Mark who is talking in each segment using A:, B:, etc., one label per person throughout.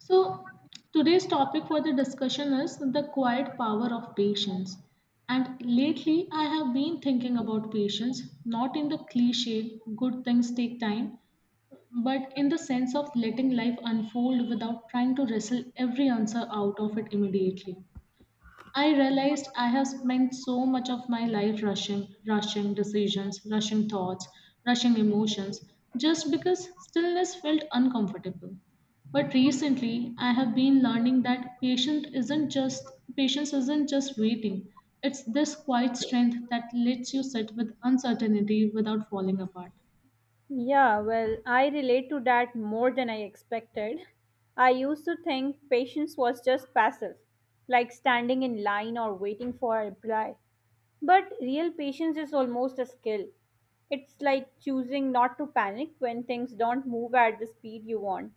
A: So, today's topic for the discussion is the quiet power of patience. And lately, I have been thinking about patience, not in the cliche, good things take time, but in the sense of letting life unfold without trying to wrestle every answer out of it immediately. I realized I have spent so much of my life rushing, rushing decisions, rushing thoughts, rushing emotions, just because stillness felt uncomfortable. But recently, I have been learning that patient isn't just patience isn't just waiting. It's this quiet strength that lets you sit with uncertainty without falling apart.
B: Yeah, well, I relate to that more than I expected. I used to think patience was just passive, like standing in line or waiting for a reply. But real patience is almost a skill. It's like choosing not to panic when things don't move at the speed you want.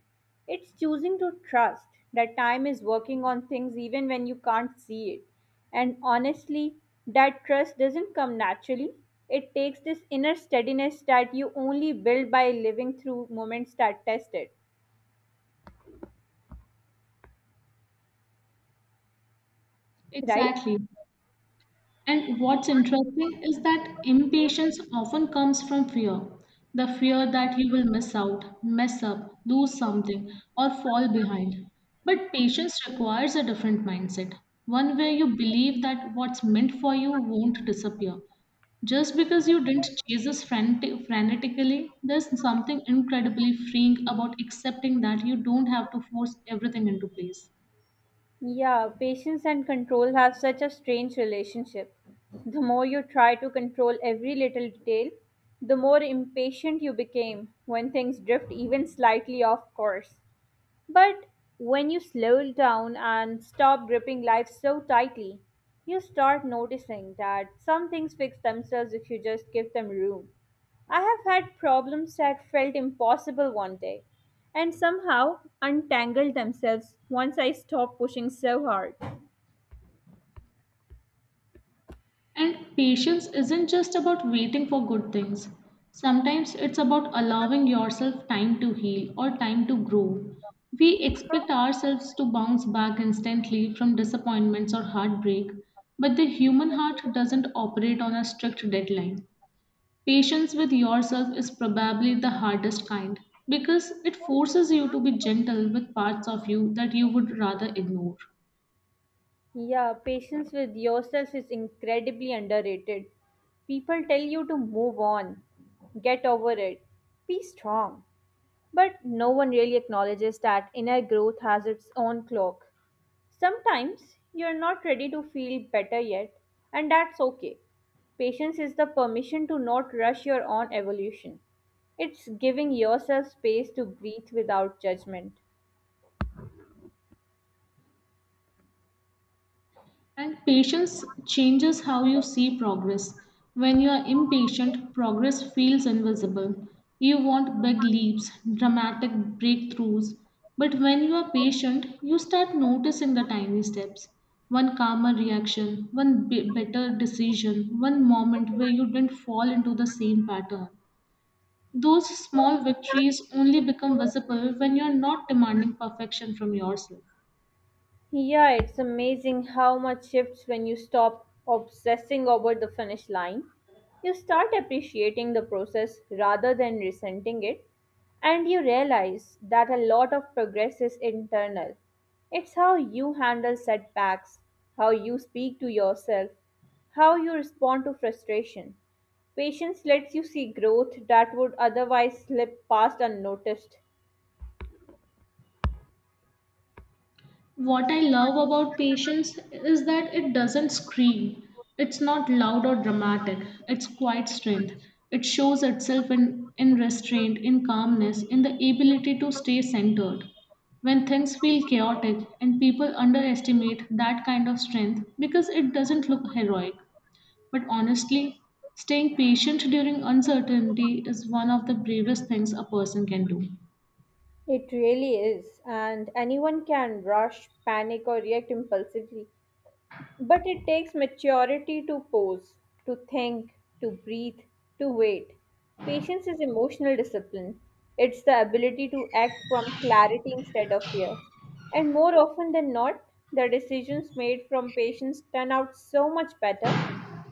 B: It's choosing to trust that time is working on things even when you can't see it. And honestly, that trust doesn't come naturally. It takes this inner steadiness that you only build by living through moments that test it, right?
A: Exactly. And what's interesting is that impatience often comes from fear. The fear that you will miss out, mess up, lose something, or fall behind. But patience requires a different mindset, one where you believe that what's meant for you won't disappear. Just because you didn't chase this frantic, frantically, there's something incredibly freeing about accepting that you don't have to force everything into place.
B: Yeah, patience and control have such a strange relationship. The more you try to control every little detail, the more impatient you became when things drift even slightly off course. But when you slow down and stop gripping life so tightly, you start noticing that some things fix themselves if you just give them room. I have had problems that felt impossible one day and somehow untangled themselves once I stopped pushing so hard.
A: And patience isn't just about waiting for good things. Sometimes it's about allowing yourself time to heal or time to grow. We expect ourselves to bounce back instantly from disappointments or heartbreak, but the human heart doesn't operate on a strict deadline. Patience with yourself is probably the hardest kind because it forces you to be gentle with parts of you that you would rather ignore.
B: Yeah, patience with yourself is incredibly underrated. People tell you to move on, get over it, be strong. But no one really acknowledges that inner growth has its own clock. Sometimes you're not ready to feel better yet, and that's okay. Patience is the permission to not rush your own evolution. It's giving yourself space to breathe without judgment.
A: And patience changes how you see progress. When you are impatient, progress feels invisible. You want big leaps, dramatic breakthroughs. But when you are patient, you start noticing the tiny steps. One calmer reaction, one better decision, one moment where you didn't fall into the same pattern. Those small victories only become visible when you're not demanding perfection from yourself.
B: Yeah, it's amazing how much shifts when you stop obsessing over the finish line. You start appreciating the process rather than resenting it, and you realize that a lot of progress is internal. It's how you handle setbacks, how you speak to yourself, how you respond to frustration. Patience lets you see growth that would otherwise slip past unnoticed.
A: What I love about patience is that it doesn't scream. It's not loud or dramatic. It's quiet strength. It shows itself in restraint, in calmness, in the ability to stay centered. When things feel chaotic and people underestimate that kind of strength because it doesn't look heroic. But honestly, staying patient during uncertainty is one of the bravest things a person can do.
B: It really is, and anyone can rush, panic, or react impulsively. But it takes maturity to pause, to think, to breathe, to wait. Patience is emotional discipline. It's the ability to act from clarity instead of fear. And more often than not, the decisions made from patience turn out so much better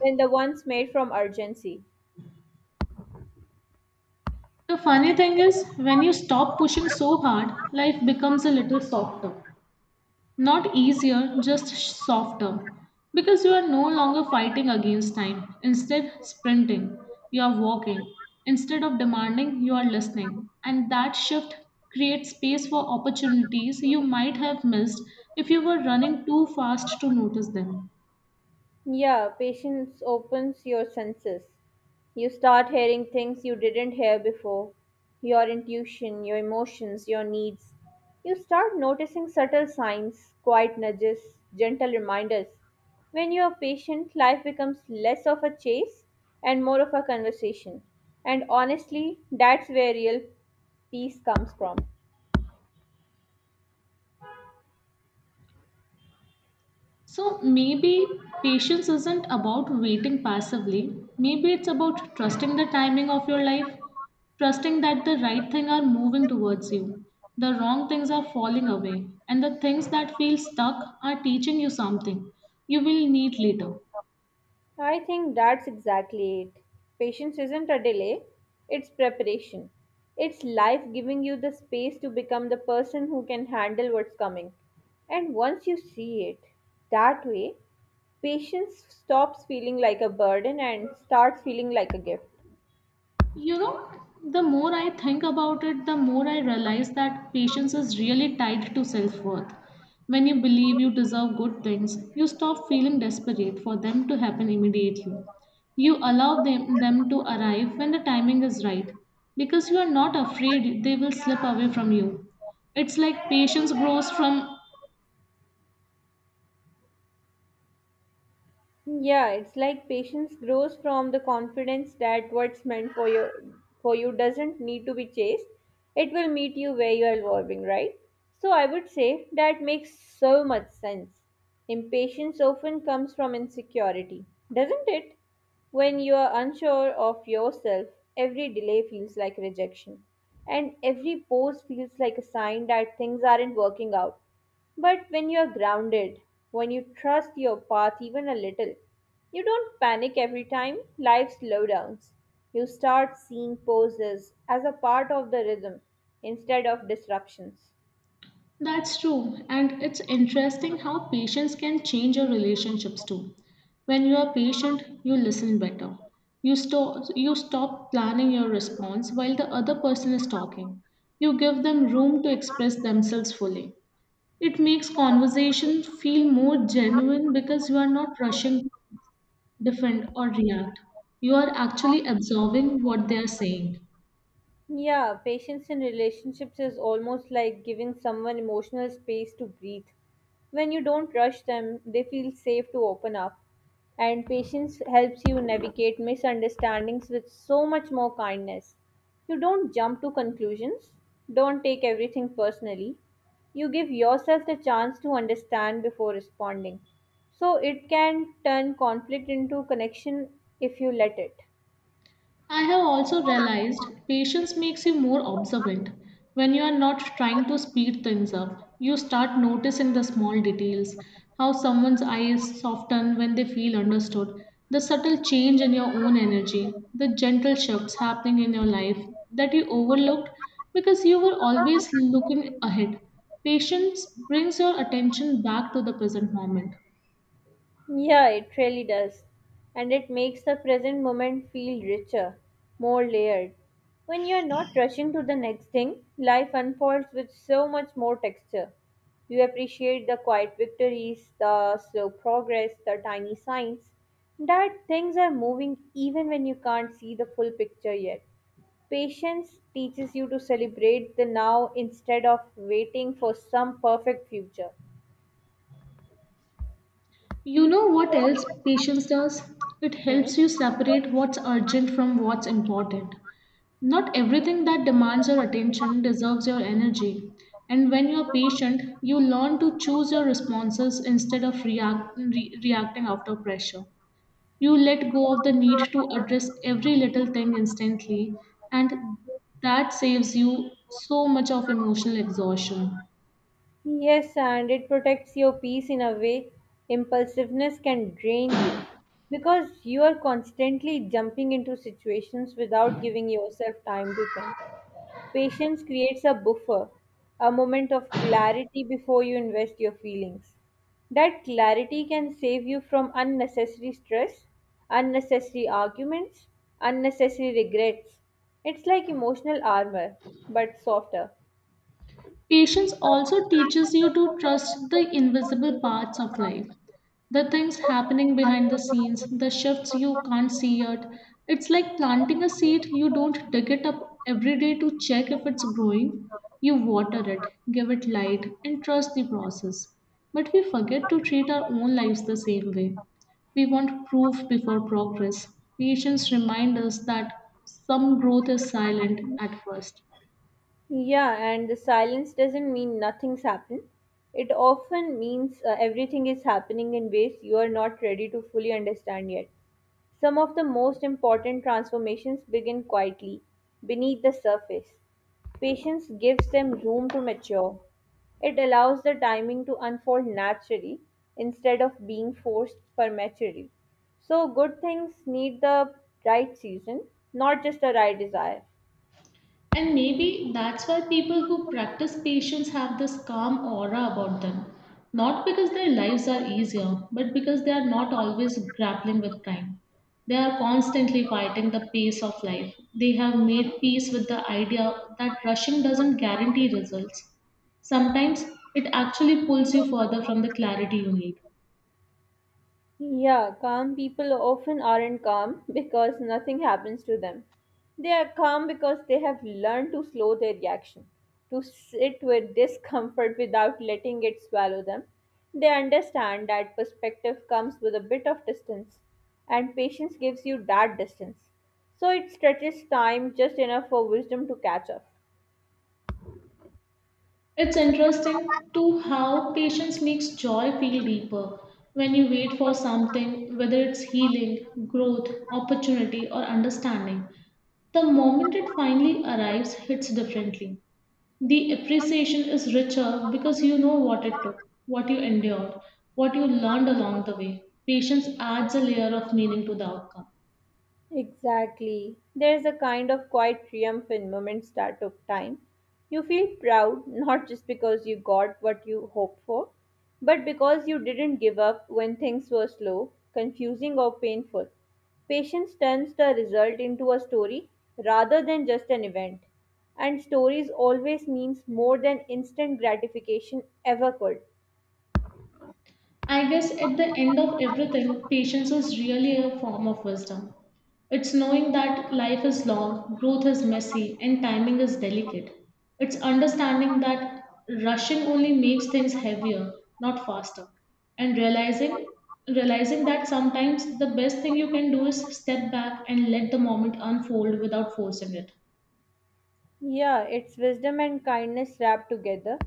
B: than the ones made from urgency.
A: The funny thing is, when you stop pushing so hard, life becomes a little softer. Not easier, just softer. Because you are no longer fighting against time. Instead, sprinting. You are walking. Instead of demanding, you are listening. And that shift creates space for opportunities you might have missed if you were running too fast to notice them.
B: Yeah, patience opens your senses. You start hearing things you didn't hear before your intuition, your emotions, your needs. You start noticing subtle signs, quiet nudges, gentle reminders. When you are patient, life becomes less of a chase and more of a conversation. And honestly, that's where real peace comes from.
A: So maybe patience isn't about waiting passively. Maybe it's about trusting the timing of your life, trusting that the right things are moving towards you, the wrong things are falling away, and the things that feel stuck are teaching you something you will need later.
B: I think that's exactly it. Patience isn't a delay, it's preparation. It's life giving you the space to become the person who can handle what's coming. And once you see it that way, patience stops feeling like a burden and starts feeling like a gift.
A: You know, the more I think about it, the more I realize that patience is really tied to self worth. When you believe you deserve good things, you stop feeling desperate for them to happen immediately. You allow them to arrive when the timing is right because you are not afraid they will slip away from you. It's like patience grows from
B: Yeah, it's like patience grows from the confidence that what's meant for you doesn't need to be chased. It will meet you where you are evolving, right? So I would say that makes so much sense. Impatience often comes from insecurity, doesn't it? When you are unsure of yourself, every delay feels like rejection, and every pause feels like a sign that things aren't working out. But when you're grounded, when you trust your path even a little, you don't panic every time life slowdowns. You start seeing pauses as a part of the rhythm instead of disruptions.
A: that's true, and it's interesting how patience can change your relationships too. When you are patient, you listen better. You stop planning your response while the other person is talking. You give them room to express themselves fully. It makes conversation feel more genuine because you are not rushing to defend or react. You are actually absorbing what they are saying.
B: Yeah, patience in relationships is almost like giving someone emotional space to breathe. When you don't rush them, they feel safe to open up. And patience helps you navigate misunderstandings with so much more kindness. You don't jump to conclusions, don't take everything personally. You give yourself the chance to understand before responding. So it can turn conflict into connection if you let it.
A: I have also realized patience makes you more observant. When you are not trying to speed things up, you start noticing the small details, how someone's eyes soften when they feel understood, the subtle change in your own energy, the gentle shifts happening in your life that you overlooked because you were always looking ahead. Patience brings your attention back to the present moment.
B: Yeah, it really does. And it makes the present moment feel richer, more layered. When you're not rushing to the next thing, life unfolds with so much more texture. You appreciate the quiet victories, the slow progress, the tiny signs that things are moving even when you can't see the full picture yet. Patience teaches you to celebrate the now instead of waiting for some perfect future.
A: You know what else patience does? It
B: Hmm?
A: helps you separate what's urgent from what's important. Not everything that demands your attention deserves your energy. And when you're patient, you learn to choose your responses instead of reacting after pressure. You let go of the need to address every little thing instantly, and that saves you so much of emotional exhaustion.
B: Yes, and it protects your peace in a way impulsiveness can drain you because you are constantly jumping into situations without giving yourself time to think. Patience creates a buffer, a moment of clarity before you invest your feelings. That clarity can save you from unnecessary stress, unnecessary arguments, unnecessary regrets. It's like emotional armor, but softer.
A: Patience also teaches you to trust the invisible parts of life, the things happening behind the scenes, the shifts you can't see yet. It's like planting a seed, you don't dig it up every day to check if it's growing. You water it, give it light, and trust the process. But we forget to treat our own lives the same way. We want proof before progress. Patience reminds us that some growth is silent at first.
B: Yeah, and the silence doesn't mean nothing's happened. It often means everything is happening in ways you are not ready to fully understand yet. Some of the most important transformations begin quietly, beneath the surface. Patience gives them room to mature. It allows the timing to unfold naturally instead of being forced prematurely. So, good things need the right season, not just the right desire.
A: And maybe that's why people who practice patience have this calm aura about them. Not because their lives are easier, but because they are not always grappling with time. They are constantly fighting the pace of life. They have made peace with the idea that rushing doesn't guarantee results. Sometimes it actually pulls you further from the clarity you need.
B: Yeah, calm people often aren't calm because nothing happens to them. They are calm because they have learned to slow their reaction, to sit with discomfort without letting it swallow them. They understand that perspective comes with a bit of distance, and patience gives you that distance. So it stretches time just enough for wisdom to catch up.
A: It's interesting to how patience makes joy feel deeper. When you wait for something, whether it's healing, growth, opportunity, or understanding, the moment it finally arrives hits differently. The appreciation is richer because you know what it took, what you endured, what you learned along the way. Patience adds a layer of meaning to the outcome.
B: Exactly. There's a kind of quiet triumph in moments that took time. You feel proud not just because you got what you hoped for, but because you didn't give up when things were slow, confusing, or painful. Patience turns the result into a story rather than just an event. And stories always means more than instant gratification ever could.
A: I guess at the end of everything, patience is really a form of wisdom. It's knowing that life is long, growth is messy, and timing is delicate. It's understanding that rushing only makes things heavier, not faster. And realizing that sometimes the best thing you can do is step back and let the moment unfold without forcing it.
B: Yeah, it's wisdom and kindness wrapped together.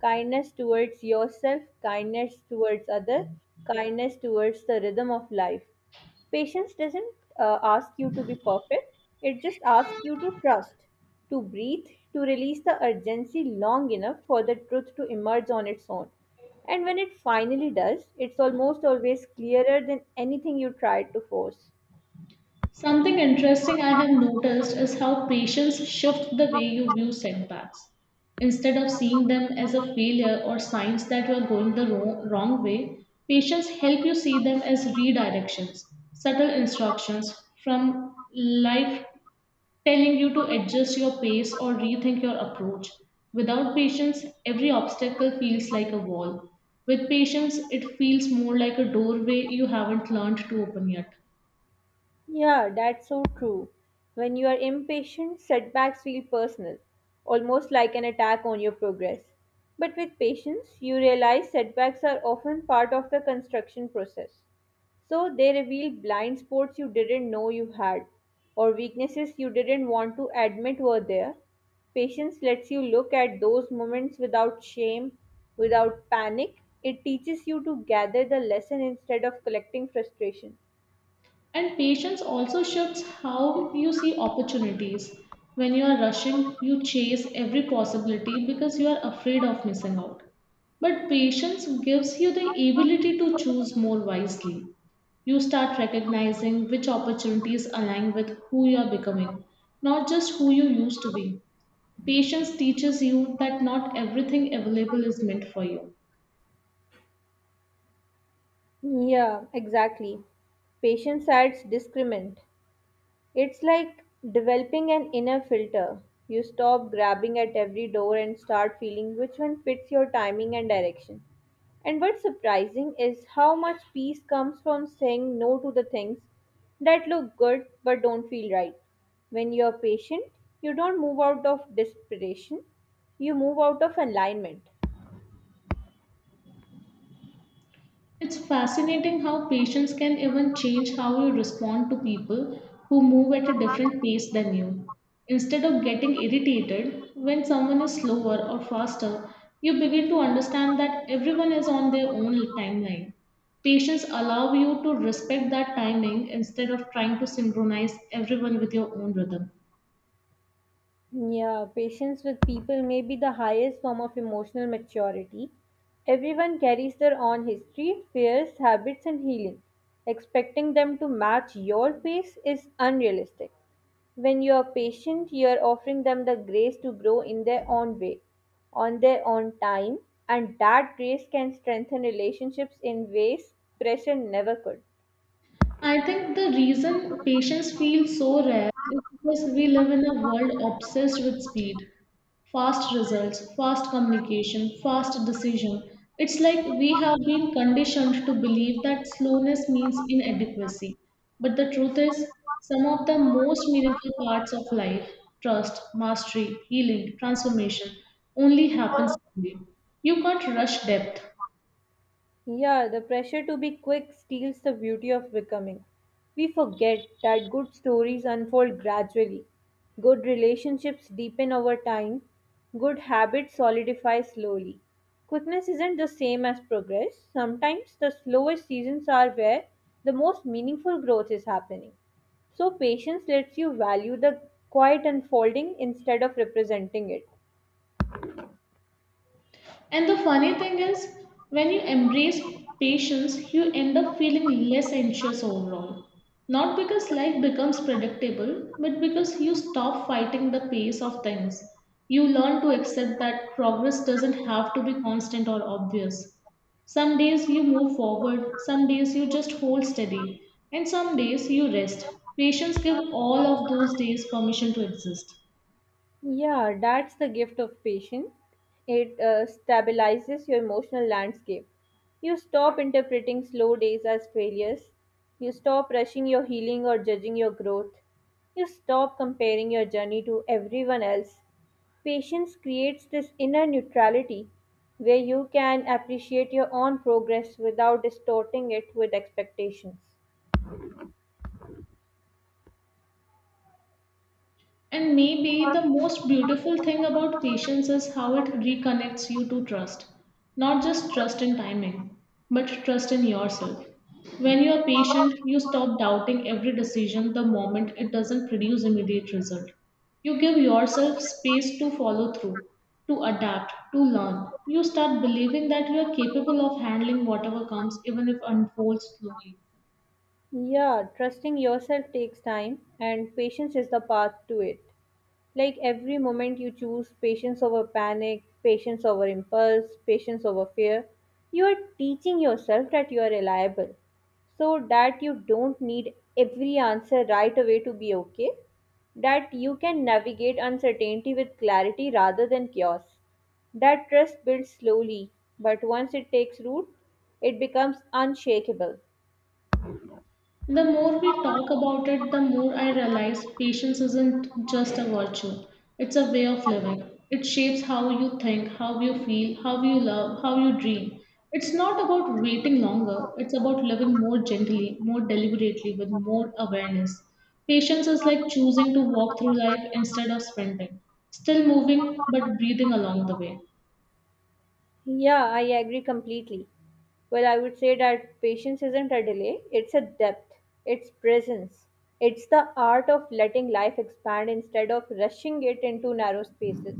B: Kindness towards yourself, kindness towards others, kindness towards the rhythm of life. Patience doesn't ask you to be perfect, it just asks you to trust, to breathe, to release the urgency long enough for the truth to emerge on its own. And when it finally does, it's almost always clearer than anything you tried to force.
A: Something interesting I have noticed is how patients shift the way you view setbacks. Instead of seeing them as a failure or signs that you are going the wrong way, patients help you see them as redirections, subtle instructions from life telling you to adjust your pace or rethink your approach. Without patience, every obstacle feels like a wall. With patience, it feels more like a doorway you haven't learned to open yet.
B: Yeah, that's so true. When you are impatient, setbacks feel personal, almost like an attack on your progress. But with patience, you realize setbacks are often part of the construction process. So they reveal blind spots you didn't know you had, or weaknesses you didn't want to admit were there. Patience lets you look at those moments without shame, without panic. It teaches you to gather the lesson instead of collecting frustration.
A: And patience also shifts how you see opportunities. When you are rushing, you chase every possibility because you are afraid of missing out. But patience gives you the ability to choose more wisely. You start recognizing which opportunities align with who you are becoming, not just who you used to be. Patience teaches you that not everything available is meant for you.
B: Yeah, exactly. Patience adds discrement. It's like developing an inner filter. You stop grabbing at every door and start feeling which one fits your timing and direction. And what's surprising is how much peace comes from saying no to the things that look good but don't feel right. When you're patient, you don't move out of desperation, you move out of alignment.
A: It's fascinating how patience can even change how you respond to people who move at a different pace than you. Instead of getting irritated when someone is slower or faster, you begin to understand that everyone is on their own timeline. Patience allows you to respect that timing instead of trying to synchronize everyone with your own rhythm.
B: Yeah, patience with people may be the highest form of emotional maturity. Everyone carries their own history, fears, habits, and healing. Expecting them to match your pace is unrealistic. When you are patient, you are offering them the grace to grow in their own way, on their own time, and that grace can strengthen relationships in ways pressure never could.
A: I think the reason patience feels so rare is because we live in a world obsessed with speed, fast results, fast communication, fast decision. It's like we have been conditioned to believe that slowness means inadequacy. But the truth is, some of the most meaningful parts of life, trust, mastery, healing, transformation, only happen slowly. You can't rush depth.
B: Yeah, the pressure to be quick steals the beauty of becoming. We forget that good stories unfold gradually. Good relationships deepen over time. Good habits solidify slowly. Quickness isn't the same as progress. Sometimes the slowest seasons are where the most meaningful growth is happening. So, patience lets you value the quiet unfolding instead of representing it.
A: And the funny thing is, when you embrace patience, you end up feeling less anxious overall. Not because life becomes predictable, but because you stop fighting the pace of things. You learn to accept that progress doesn't have to be constant or obvious. Some days you move forward, some days you just hold steady, and some days you rest. Patience give all of those days permission to exist.
B: Yeah, that's the gift of patience. It stabilizes your emotional landscape. You stop interpreting slow days as failures. You stop rushing your healing or judging your growth. You stop comparing your journey to everyone else. Patience creates this inner neutrality where you can appreciate your own progress without distorting it with expectations.
A: And maybe the most beautiful thing about patience is how it reconnects you to trust. Not just trust in timing, but trust in yourself. When you are patient, you stop doubting every decision the moment it doesn't produce immediate result. You give yourself space to follow through, to adapt, to learn. You start believing that you are capable of handling whatever comes even if unfolds slowly.
B: Yeah, trusting yourself takes time, and patience is the path to it. Like every moment you choose patience over panic, patience over impulse, patience over fear, you are teaching yourself that you are reliable. So that you don't need every answer right away to be okay, that you can navigate uncertainty with clarity rather than chaos. That trust builds slowly, but once it takes root, it becomes unshakable.
A: The more we talk about it, the more I realize patience isn't just a virtue, it's a way of living. It shapes how you think, how you feel, how you love, how you dream. It's not about waiting longer, it's about living more gently, more deliberately, with more awareness. Patience is like choosing to walk through life instead of sprinting, still moving but breathing along the way.
B: Yeah, I agree completely. Well, I would say that patience isn't a delay, it's a depth, it's presence. It's the art of letting life expand instead of rushing it into narrow spaces.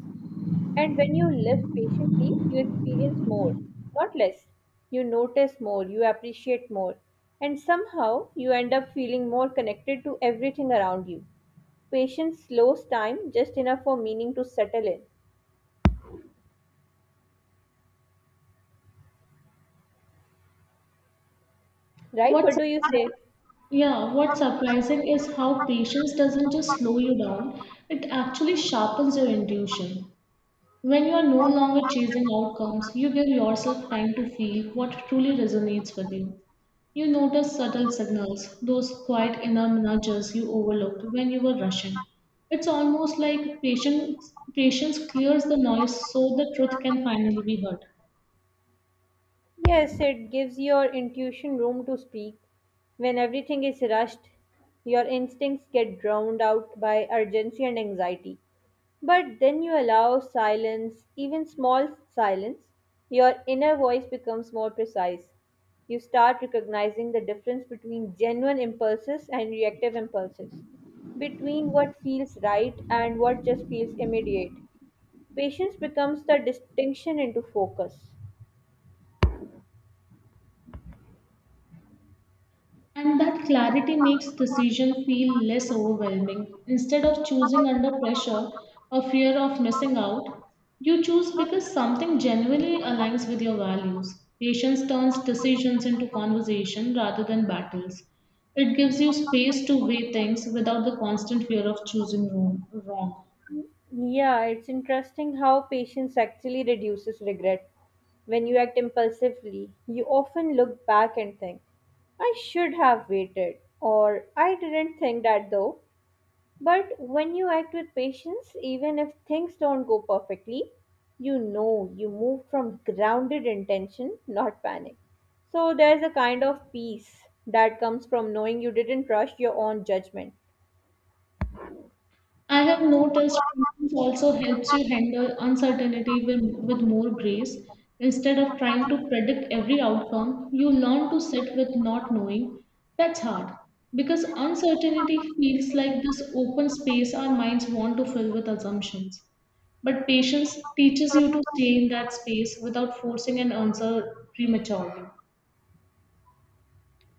B: And when you live patiently, you experience more, not less. You notice more, you appreciate more, and somehow you end up feeling more connected to everything around you. Patience slows time just enough for meaning to settle in. Right?
A: What's
B: What do you say?
A: Yeah, what's surprising is how patience doesn't just slow you down, it actually sharpens your intuition. When you are no longer chasing outcomes, you give yourself time to feel what truly resonates with you. You notice subtle signals, those quiet inner nudges you overlooked when you were rushing. It's almost like patience clears the noise so the truth can finally be heard.
B: Yes, it gives your intuition room to speak. When everything is rushed, your instincts get drowned out by urgency and anxiety. But then you allow silence, even small silence, your inner voice becomes more precise. You start recognizing the difference between genuine impulses and reactive impulses, between what feels right and what just feels immediate. Patience becomes the distinction into focus.
A: And that clarity makes decision feel less overwhelming. Instead of choosing under pressure or fear of missing out, you choose because something genuinely aligns with your values. Patience turns decisions into conversation rather than battles. It gives you space to weigh things without the constant fear of choosing wrong.
B: Yeah, it's interesting how patience actually reduces regret. When you act impulsively, you often look back and think, I should have waited, or I didn't think that though. But when you act with patience, even if things don't go perfectly, you know you move from grounded intention, not panic. So there's a kind of peace that comes from knowing you didn't rush your own judgment.
A: I have noticed patience also helps you handle uncertainty with more grace. Instead of trying to predict every outcome, you learn to sit with not knowing. That's hard because uncertainty feels like this open space our minds want to fill with assumptions. But patience teaches you to stay in that space without forcing an answer prematurely.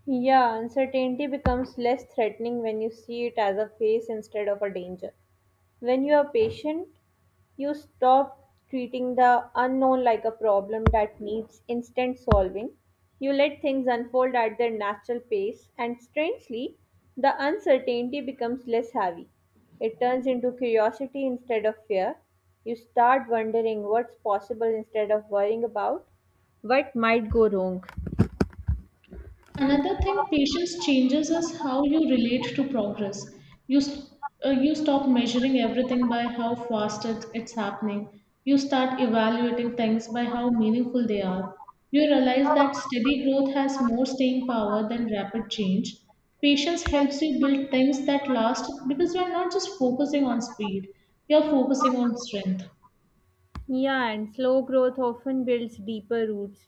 B: Yeah, uncertainty becomes less threatening when you see it as a phase instead of a danger. When you are patient, you stop treating the unknown like a problem that needs instant solving. You let things unfold at their natural pace, and strangely, the uncertainty becomes less heavy. It turns into curiosity instead of fear. You start wondering what's possible instead of worrying about what might go wrong.
A: Another thing patience changes is how you relate to progress. You, st- you stop measuring everything by how fast it's happening. You start evaluating things by how meaningful they are. You realize that steady growth has more staying power than rapid change. Patience helps you build things that last because you're not just focusing on speed, you're focusing on strength.
B: Yeah, and slow growth often builds deeper roots.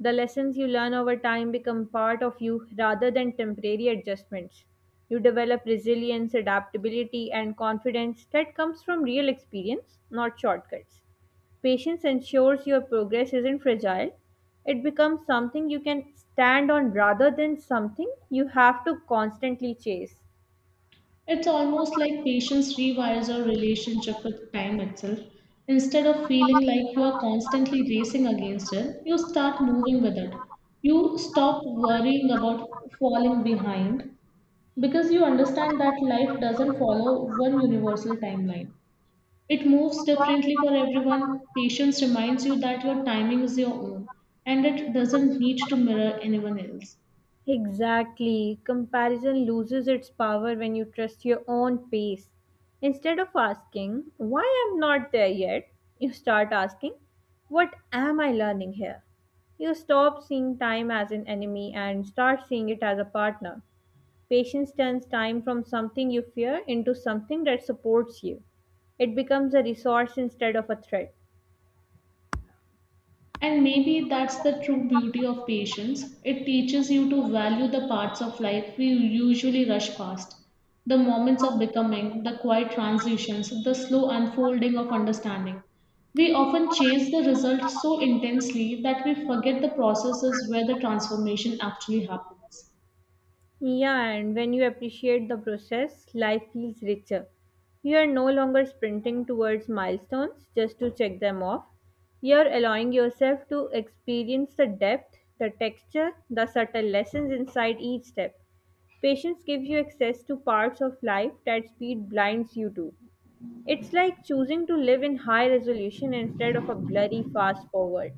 B: The lessons you learn over time become part of you rather than temporary adjustments. You develop resilience, adaptability, and confidence that comes from real experience, not shortcuts. Patience ensures your progress isn't fragile. It becomes something you can stand on rather than something you have to constantly chase.
A: It's almost like patience rewires your relationship with time itself. Instead of feeling like you are constantly racing against it, you start moving with it. You stop worrying about falling behind because you understand that life doesn't follow one universal timeline. It moves differently for everyone. Patience reminds you that your timing is your own and it doesn't need to mirror anyone else.
B: Exactly. Comparison loses its power when you trust your own pace. Instead of asking, why I'm not there yet, you start asking, what am I learning here? You stop seeing time as an enemy and start seeing it as a partner. Patience turns time from something you fear into something that supports you. It becomes a resource instead of a threat.
A: And maybe that's the true beauty of patience. It teaches you to value the parts of life we usually rush past, the moments of becoming, the quiet transitions, the slow unfolding of understanding. We often chase the result so intensely that we forget the processes where the transformation actually happens.
B: Yeah, and when you appreciate the process, life feels richer. You are no longer sprinting towards milestones just to check them off. You are allowing yourself to experience the depth, the texture, the subtle lessons inside each step. Patience gives you access to parts of life that speed blinds you to. It's like choosing to live in high resolution instead of a blurry fast forward.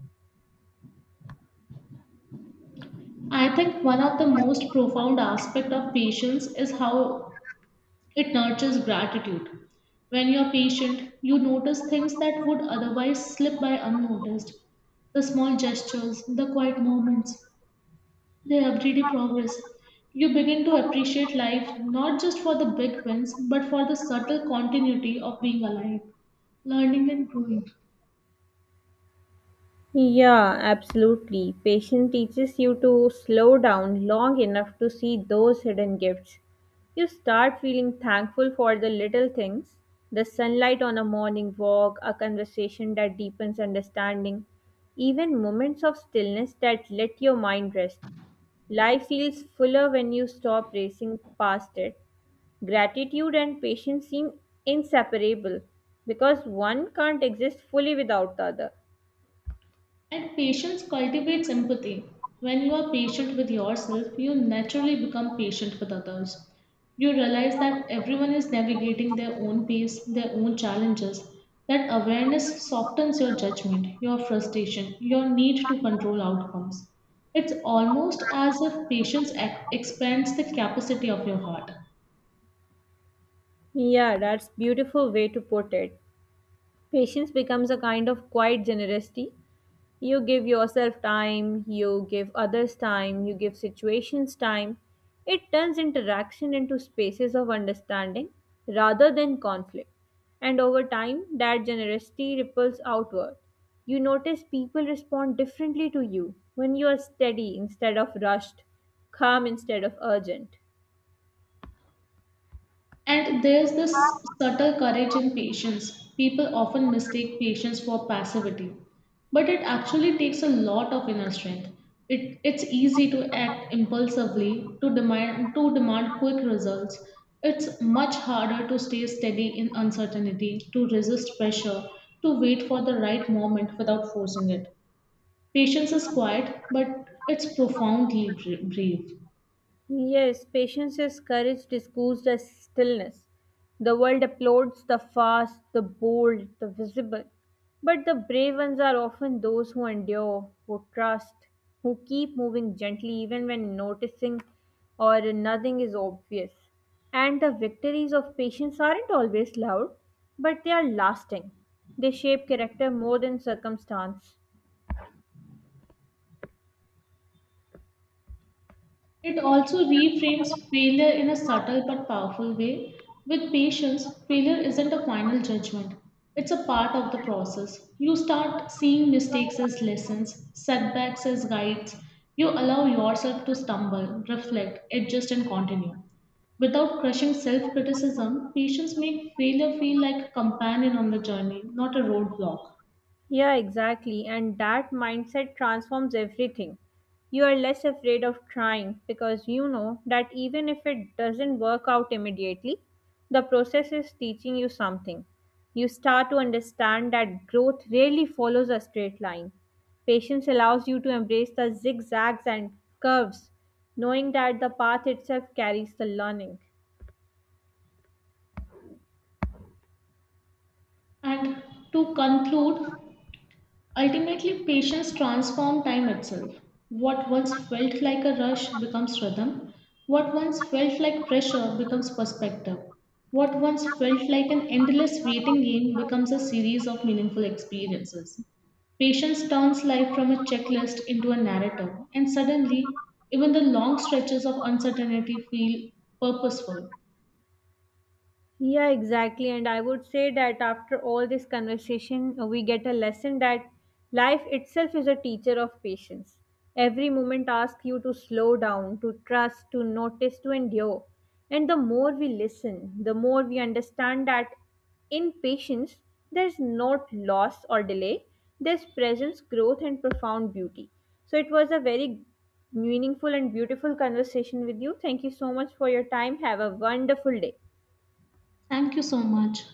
A: I think one of the most profound aspects of patience is how it nurtures gratitude. When you're patient, you notice things that would otherwise slip by unnoticed. The small gestures, the quiet moments, the everyday progress. You begin to appreciate life not just for the big wins, but for the subtle continuity of being alive, learning, and growing.
B: Yeah, absolutely. Patience teaches you to slow down long enough to see those hidden gifts. You start feeling thankful for the little things, the sunlight on a morning walk, a conversation that deepens understanding, even moments of stillness that let your mind rest. Life feels fuller when you stop racing past it. Gratitude and patience seem inseparable because one can't exist fully without the other.
A: And patience cultivates empathy. When you are patient with yourself, you naturally become patient with others. You realize that everyone is navigating their own pace, their own challenges. That awareness softens your judgment, your frustration, your need to control outcomes. It's almost as if patience expands the capacity of your heart.
B: Yeah, that's beautiful way to put it. Patience becomes a kind of quiet generosity. You give yourself time, you give others time, you give situations time. It turns interaction into spaces of understanding rather than conflict. And over time, that generosity ripples outward. You notice people respond differently to you when you are steady instead of rushed, calm instead of urgent.
A: And there's this subtle courage in patience. People often mistake patience for passivity, but it actually takes a lot of inner strength. It's easy to act impulsively, to demand quick results. It's much harder to stay steady in uncertainty, to resist pressure, to wait for the right moment without forcing it. Patience is quiet, but it's profoundly brave.
B: Yes, patience is courage disguised as stillness. The world applauds the fast, the bold, the visible. But the brave ones are often those who endure, who trust, who keep moving gently even when noticing or nothing is obvious. And the victories of patience aren't always loud, but they are lasting. They shape character more than circumstance.
A: It also reframes failure in a subtle but powerful way. With patience, failure isn't a final judgment, it's a part of the process. You start seeing mistakes as lessons, setbacks as guides. You allow yourself to stumble, reflect, adjust, and continue. Without crushing self criticism, patience makes failure feel like a companion on the journey, not a roadblock.
B: Yeah, exactly. And that mindset transforms everything. You are less afraid of trying because you know that even if it doesn't work out immediately, the process is teaching you something. You start to understand that growth rarely follows a straight line. Patience allows you to embrace the zigzags and curves, knowing that the path itself carries the learning.
A: And to conclude, ultimately, patience transforms time itself. What once felt like a rush becomes rhythm. What once felt like pressure becomes perspective. What once felt like an endless waiting game becomes a series of meaningful experiences. Patience turns life from a checklist into a narrative, and suddenly, even the long stretches of uncertainty feel purposeful.
B: Yeah, exactly. And I would say that after all this conversation, we get a lesson that life itself is a teacher of patience. Every moment asks you to slow down, to trust, to notice, to endure. And the more we listen, the more we understand that in patience, there's not loss or delay, there's presence, growth, and profound beauty. So it was a very meaningful and beautiful conversation with you. Thank you so much for your time. Have a wonderful day.
A: Thank you so much.